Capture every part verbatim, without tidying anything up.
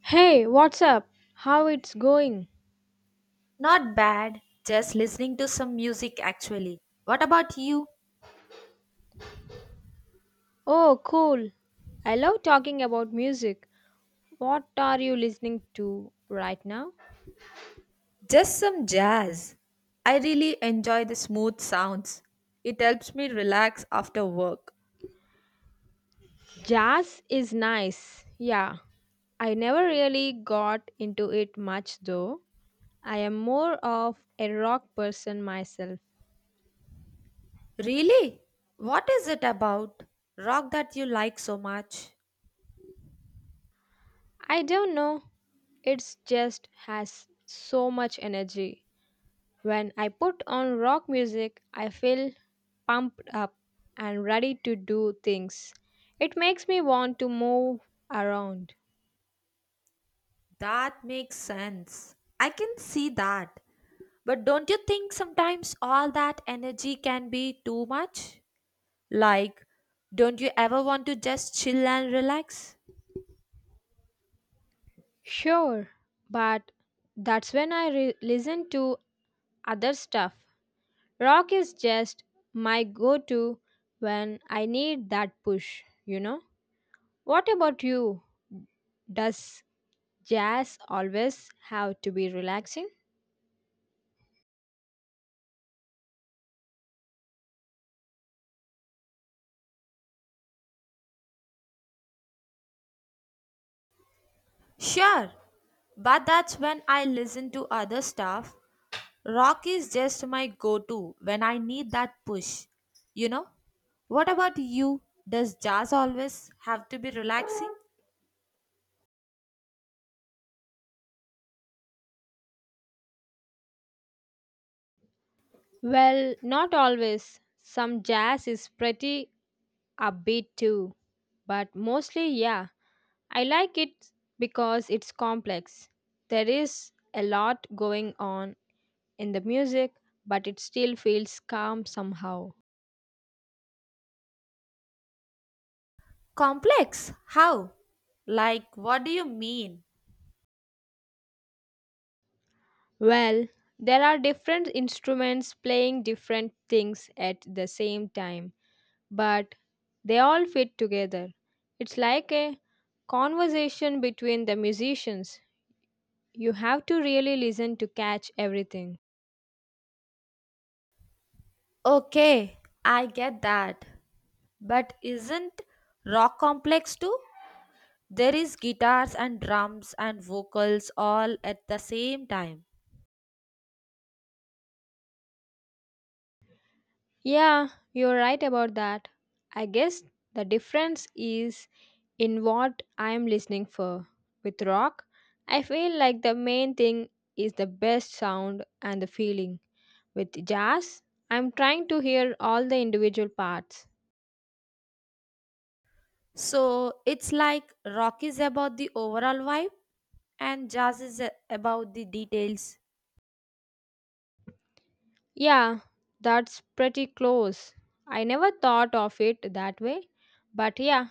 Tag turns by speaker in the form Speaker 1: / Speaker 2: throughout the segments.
Speaker 1: Hey, what's up? How it's going?
Speaker 2: Not bad. Just listening to some music actually. What about you?
Speaker 1: Oh, cool. I love talking about music. What are you listening to right now?
Speaker 2: Just some jazz. I really enjoy the smooth sounds. It helps me relax after work.
Speaker 1: Jazz is nice. Yeah. I never really got into it much though. I am more of a rock person myself.
Speaker 2: Really? What is it about? Rock that you like so much.
Speaker 1: I don't know. It's just has so much energy. When I put on rock music, I feel pumped up and ready to do things. It makes me want to move around.
Speaker 2: That makes sense. I can see that. But don't you think sometimes all that energy can be too much? Like, don't you ever want to just chill and relax?
Speaker 1: Sure, but that's when I re- listen to other stuff. Rock is just my go to when I need that push, you know? What about you? Does jazz always have to be relaxing?
Speaker 2: Sure, but that's when I listen to other stuff. Rock is just my go to when I need that push. You know? What about you? Does jazz always have to be relaxing?
Speaker 1: Well, not always. Some jazz is pretty upbeat too, but mostly, yeah, I like it because it's complex. There is a lot going on in the music, but it still feels calm somehow.
Speaker 2: Complex? How? Like, what do you mean?
Speaker 1: Well, there are different instruments playing different things at the same time, but they all fit together. It's like a conversation between the musicians. You have to really listen to catch everything.
Speaker 2: Okay, I get that. But isn't rock complex too? There is guitars and drums and vocals all at the same time.
Speaker 1: Yeah, you're right about that. I guess the difference is in what I'm listening for. With rock, I feel like the main thing is the best sound and the feeling. With jazz, I'm trying to hear all the individual parts.
Speaker 2: So it's like rock is about the overall vibe and jazz is a- about the details.
Speaker 1: Yeah, that's pretty close. I never thought of it that way, but yeah,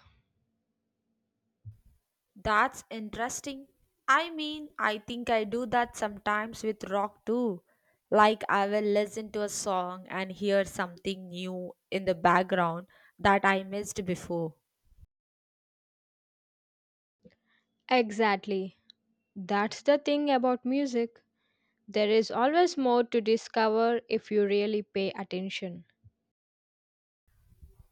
Speaker 2: That's interesting. I mean, I think I do that sometimes with rock too. Like I will listen to a song and hear something new in the background that I missed before.
Speaker 1: exactly. That's the thing about music. There is always more to discover if you really pay attention.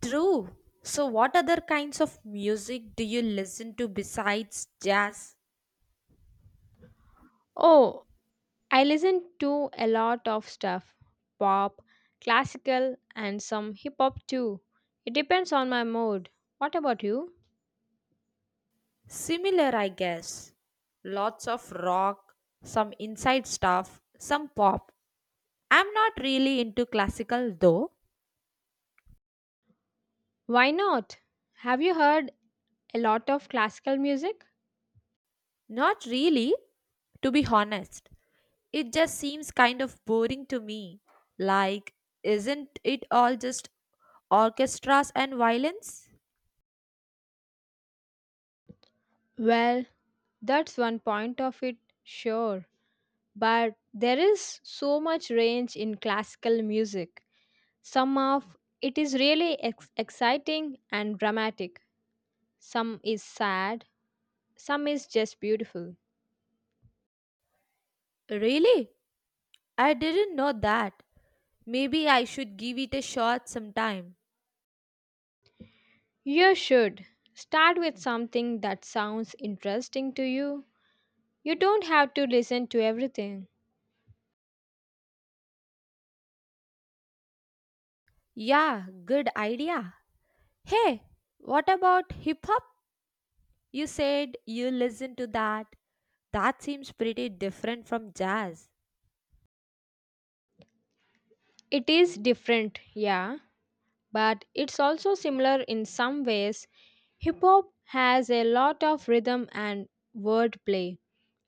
Speaker 2: True. So what other kinds of music do you listen to besides jazz?
Speaker 1: Oh, I listen to a lot of stuff pop, classical, and some hip hop too. It depends on my mood. What about you?
Speaker 2: Similar, I guess. Lots of rock, some inside stuff, some pop. I'm not really into classical though.
Speaker 1: Why not? Have you heard a lot of classical music?
Speaker 2: Not really, to be honest. It just seems kind of boring to me. Like, isn't it all just orchestras and violins?
Speaker 1: Well, that's one point of it, sure. But there is so much range in classical music. Some of it is really ex- exciting and dramatic, some is sad, some is just beautiful.
Speaker 2: Really? I didn't know that. Maybe I should give it a shot sometime.
Speaker 1: You should start with something that sounds interesting to you. You don't have to listen to everything.
Speaker 2: Yeah, good idea. Hey, what about hip hop? You said you listen to that. That seems pretty different from jazz.
Speaker 1: It is different, yeah, but it's also similar in some ways. Hip hop has a lot of rhythm and wordplay,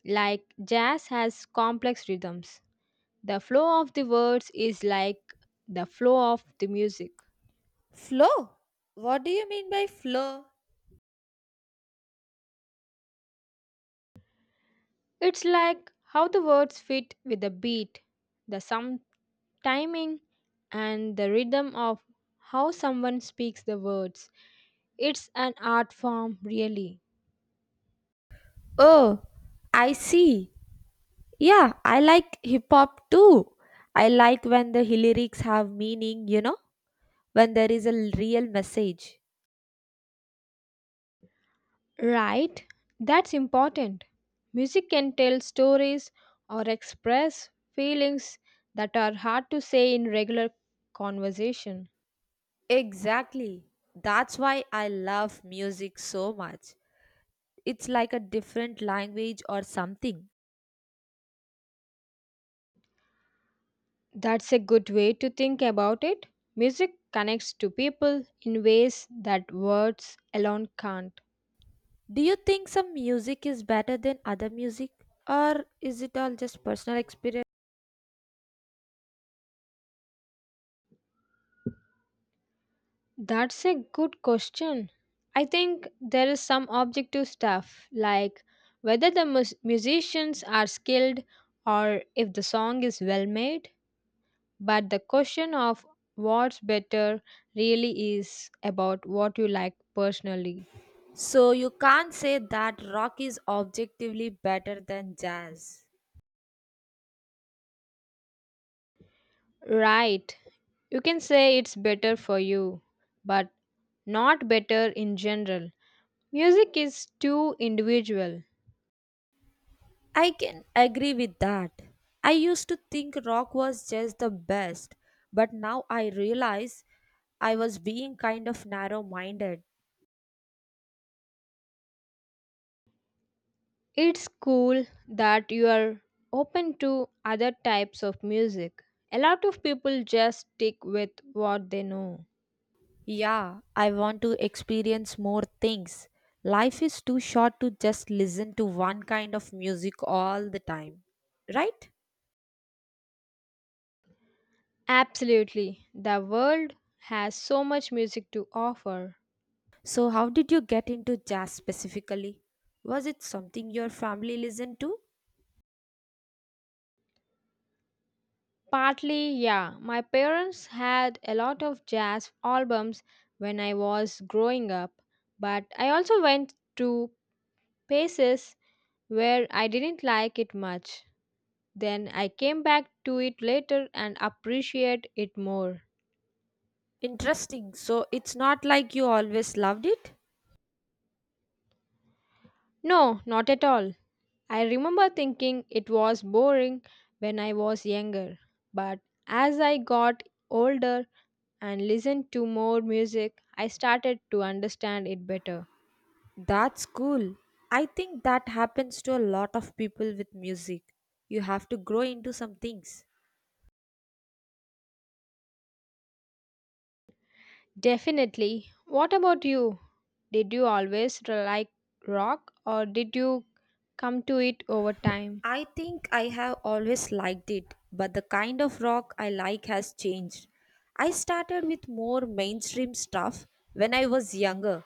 Speaker 1: like jazz has complex rhythms. The flow of the words is like the flow of the music.
Speaker 2: Flow? What do you mean by flow?
Speaker 1: It's like how the words fit with the beat, the some timing, and the rhythm of how someone speaks the words. It's an art form, really.
Speaker 2: Oh, I see. Yeah, I like hip hop too. I like when the lyrics have meaning, you know, when there is a l- real message.
Speaker 1: Right? That's important. Music can tell stories or express feelings that are hard to say in regular conversation.
Speaker 2: Exactly. That's why I love music so much. It's like a different language or something.
Speaker 1: That's a good way to think about it. Music connects to people in ways that words alone can't.
Speaker 2: Do you think some music is better than other music, or is it all just personal experience?
Speaker 1: That's a good question. I think there is some objective stuff, like whether the mus- musicians are skilled or if the song is well made. But the question of what's better really is about what you like personally.
Speaker 2: So you can't say that rock is objectively better than jazz.
Speaker 1: Right. You can say it's better for you, but not better in general. Music is too individual.
Speaker 2: I can agree with that. I used to think rock was just the best, but now I realize I was being kind of narrow minded.
Speaker 1: It's cool that you are open to other types of music. A lot of people just stick with what they know.
Speaker 2: Yeah, I want to experience more things. Life is too short to just listen to one kind of music all the time, right?
Speaker 1: Absolutely. The world has so much music to offer.
Speaker 2: So, how did you get into jazz specifically? Was it something your family listened to?
Speaker 1: Partly, yeah. My parents had a lot of jazz albums when I was growing up, but I also went to places where I didn't like it much. Then I came back to it later and appreciate it more.
Speaker 2: Interesting. So, it's not like you always loved it?
Speaker 1: No, not at all. I remember thinking it was boring when I was younger, but as I got older and listened to more music, I started to understand it better.
Speaker 2: That's cool. I think that happens to a lot of people with music. You have to grow into some things.
Speaker 1: Definitely. What about you? Did you always r- like rock or did you come to it over time?
Speaker 2: I think I have always liked it, but the kind of rock I like has changed. I started with more mainstream stuff when I was younger.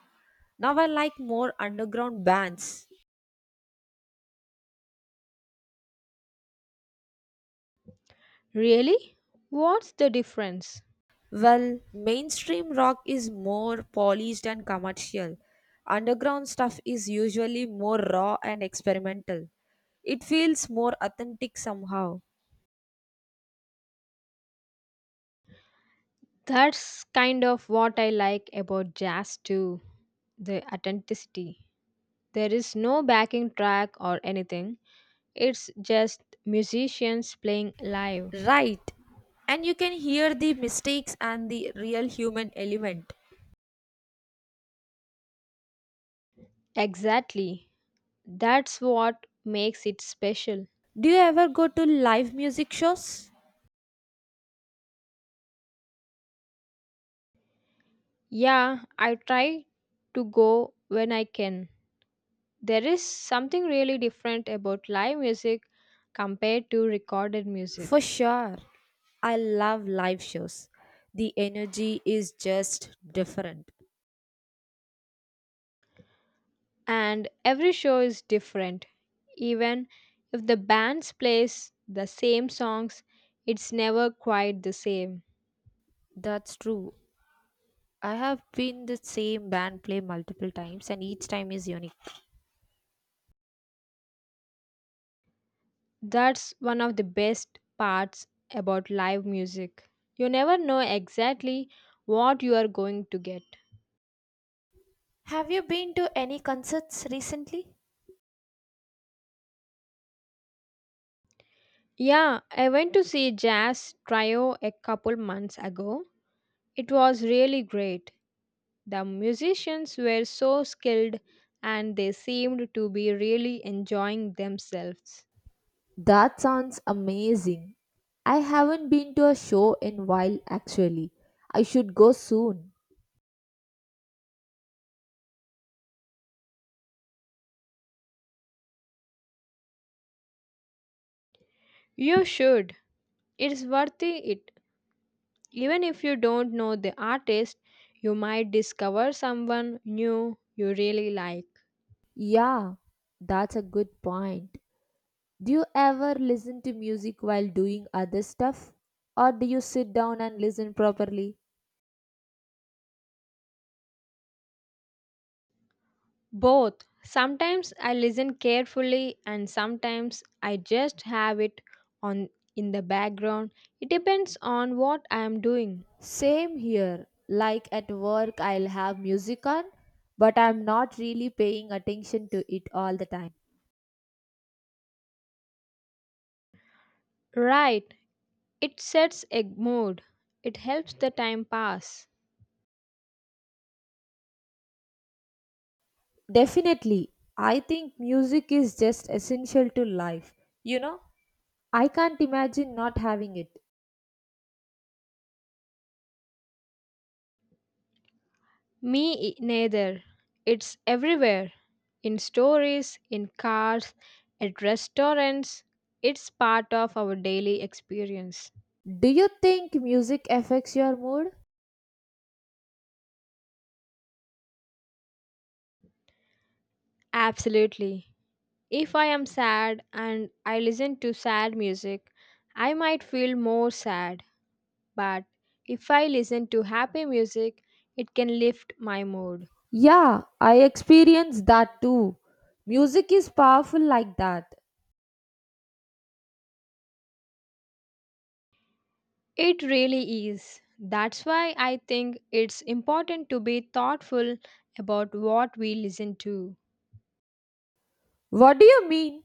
Speaker 2: Now I like more underground bands.
Speaker 1: Really? What's the difference?
Speaker 2: Well, mainstream rock is more polished and commercial. Underground stuff is usually more raw and experimental. It feels more authentic somehow.
Speaker 1: That's kind of what I like about jazz too, the authenticity. There is no backing track or anything. It's just musicians playing live.
Speaker 2: Right. And you can hear the mistakes and the real human element.
Speaker 1: Exactly. That's what makes it special.
Speaker 2: Do you ever go to live music shows?
Speaker 1: Yeah, I try to go when I can. There is something really different about live music compared to recorded
Speaker 2: For
Speaker 1: music.
Speaker 2: sure. I love live shows. The energy is just different.
Speaker 1: And every show is different. Even if the band plays the same songs, it's never quite the same.
Speaker 2: That's true. I have been the same band play multiple times and each time is unique.
Speaker 1: That's one of the best parts about live music. You never know exactly what you are going to get.
Speaker 2: Have you been to any concerts recently?
Speaker 1: Yeah, I went to see Jazz Trio a couple months ago. It was really great. The musicians were so skilled and they seemed to be really enjoying themselves.
Speaker 2: That sounds amazing. I haven't been to a show in while actually. I should go soon.
Speaker 1: You should. It's worth it. Even if you don't know the artist, you might discover someone new you really like.
Speaker 2: Yeah, that's a good point. Do you ever listen to music while doing other stuff? Or do you sit down and listen properly?
Speaker 1: Both. Sometimes I listen carefully and sometimes I just have it on in the background. It depends on what I am doing.
Speaker 2: Same here. Like at work, I'll have music on, but I'm not really paying attention to it all the time.
Speaker 1: Right. It sets a mood. It helps the time pass.
Speaker 2: Definitely, I think music is just essential to life. You know, I can't imagine not having it.
Speaker 1: Me i- Neither. It's everywhere. In stories, in cars, at restaurants. It's part of our daily experience.
Speaker 2: Do you think music affects your mood?
Speaker 1: Absolutely. If I am sad and I listen to sad music, I might feel more sad, but if I listen to happy music, it can lift my mood.
Speaker 2: Yeah, I experience that too. Music is powerful like that.
Speaker 1: It really is. That's why I think it's important to be thoughtful about what we listen to.
Speaker 2: What do you mean?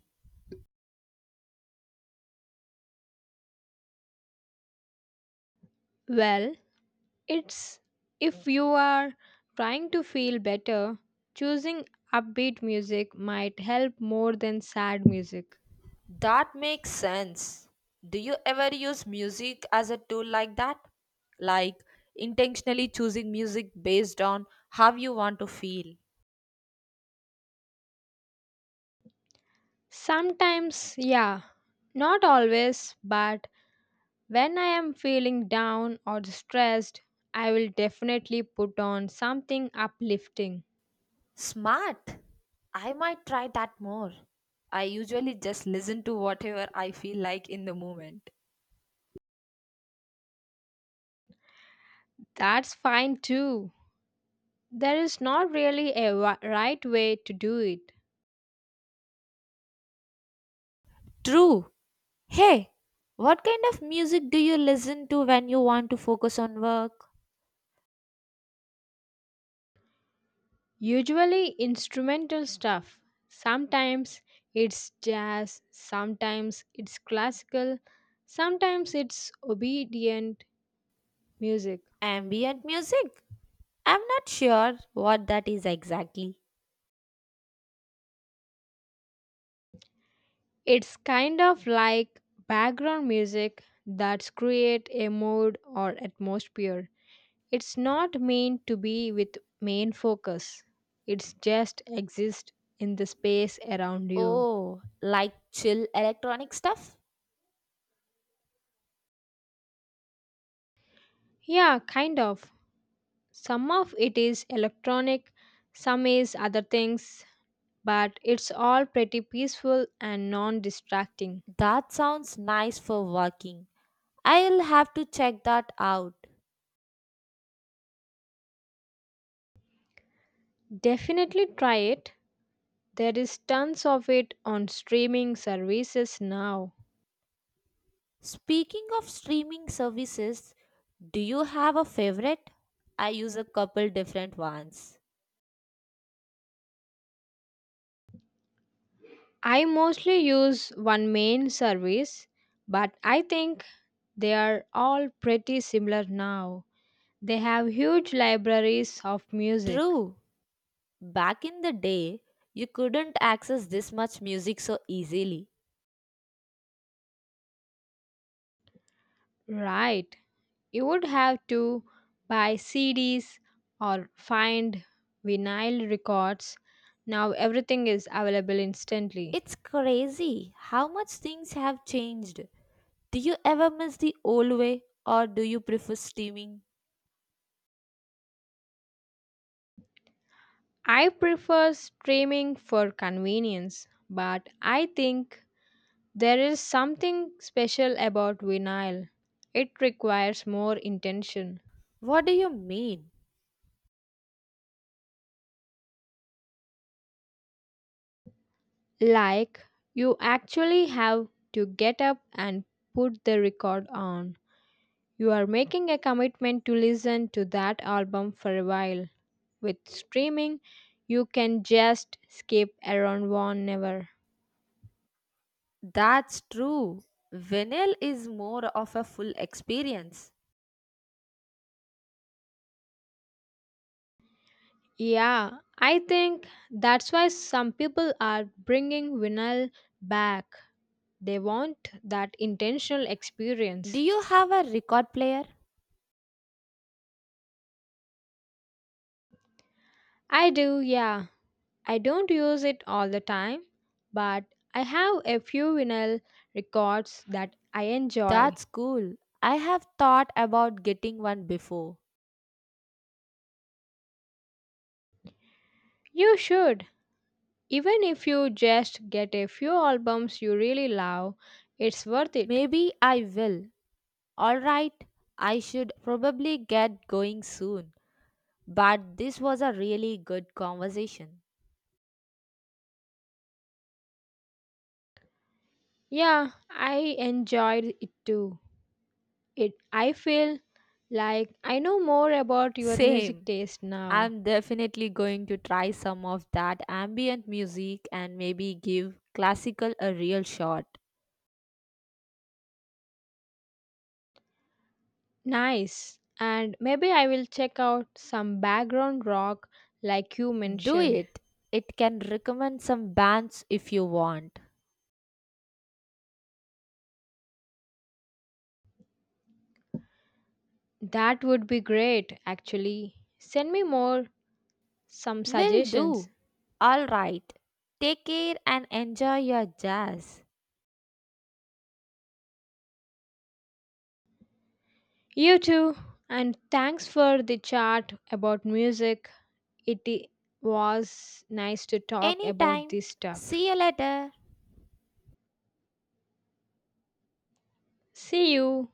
Speaker 1: Well, it's if you are trying to feel better, choosing upbeat music might help more than sad music.
Speaker 2: That makes sense. Do you ever use music as a tool like that? Like intentionally choosing music based on how you want to feel?
Speaker 1: Sometimes, yeah, not always, but when I am feeling down or stressed, I will definitely put on something uplifting.
Speaker 2: Smart! I might try that more. I usually just listen to whatever I feel like in the moment.
Speaker 1: That's fine too. There is not really a wa- right way to do it.
Speaker 2: True. Hey, what kind of music do you listen to when you want to focus on work?
Speaker 1: Usually, instrumental stuff. Sometimes it's jazz, sometimes it's classical, sometimes it's obedient music.
Speaker 2: Ambient music? I'm not sure what that is exactly.
Speaker 1: It's kind of like background music that's create a mood or atmosphere. It's not meant to be with main focus. It's just exist in the space around you.
Speaker 2: Oh, like chill electronic stuff?
Speaker 1: Yeah, kind of. Some of it is electronic, some is other things, but it's all pretty peaceful and non-distracting.
Speaker 2: That sounds nice for working. I'll have to check that out.
Speaker 1: Definitely try it. There is tons of it on streaming services now.
Speaker 2: Speaking of streaming services, do you have a favorite? I use a couple different ones.
Speaker 1: I mostly use one main service, but I think they are all pretty similar now. They have huge libraries of music.
Speaker 2: True, back in the day, you couldn't access this much music so easily.
Speaker 1: Right. You would have to buy C Ds or find vinyl records. Now everything is available instantly.
Speaker 2: It's crazy how much things have changed. Do you ever miss the old way or do you prefer streaming?
Speaker 1: I prefer streaming for convenience, but I think there is something special about vinyl. It requires more intention.
Speaker 2: What do you mean?
Speaker 1: Like, you actually have to get up and put the record on. You are making a commitment to listen to that album for a while. With streaming, you can just skip around one never.
Speaker 2: That's true. Vinyl is more of a full experience.
Speaker 1: Yeah, I think that's why some people are bringing vinyl back. They want that intentional
Speaker 2: Do
Speaker 1: experience.
Speaker 2: you have a record player?
Speaker 1: I do, yeah. I don't use it all the time, but I have a few vinyl records that I enjoy.
Speaker 2: That's cool. I have thought about getting one before.
Speaker 1: You should. Even if you just get a few albums you really love, it's worth it.
Speaker 2: Maybe I will. Alright, I should probably get going soon. But this was a really good conversation.
Speaker 1: Yeah, I enjoyed it too. It I feel like I know more about your music
Speaker 2: Same.
Speaker 1: taste now.
Speaker 2: I'm definitely going to try some of that ambient music and maybe give classical a real shot.
Speaker 1: Nice. And maybe I will check out some background rock like you
Speaker 2: Do
Speaker 1: mentioned.
Speaker 2: it. It can recommend some bands if you want.
Speaker 1: That would be great, actually. Send me more, some
Speaker 2: Will
Speaker 1: suggestions.
Speaker 2: do. All right. Take care and enjoy your jazz.
Speaker 1: You too, and thanks for the chat about music. It i- was nice to talk about
Speaker 2: Anytime.
Speaker 1: this stuff.
Speaker 2: See you later.
Speaker 1: See you.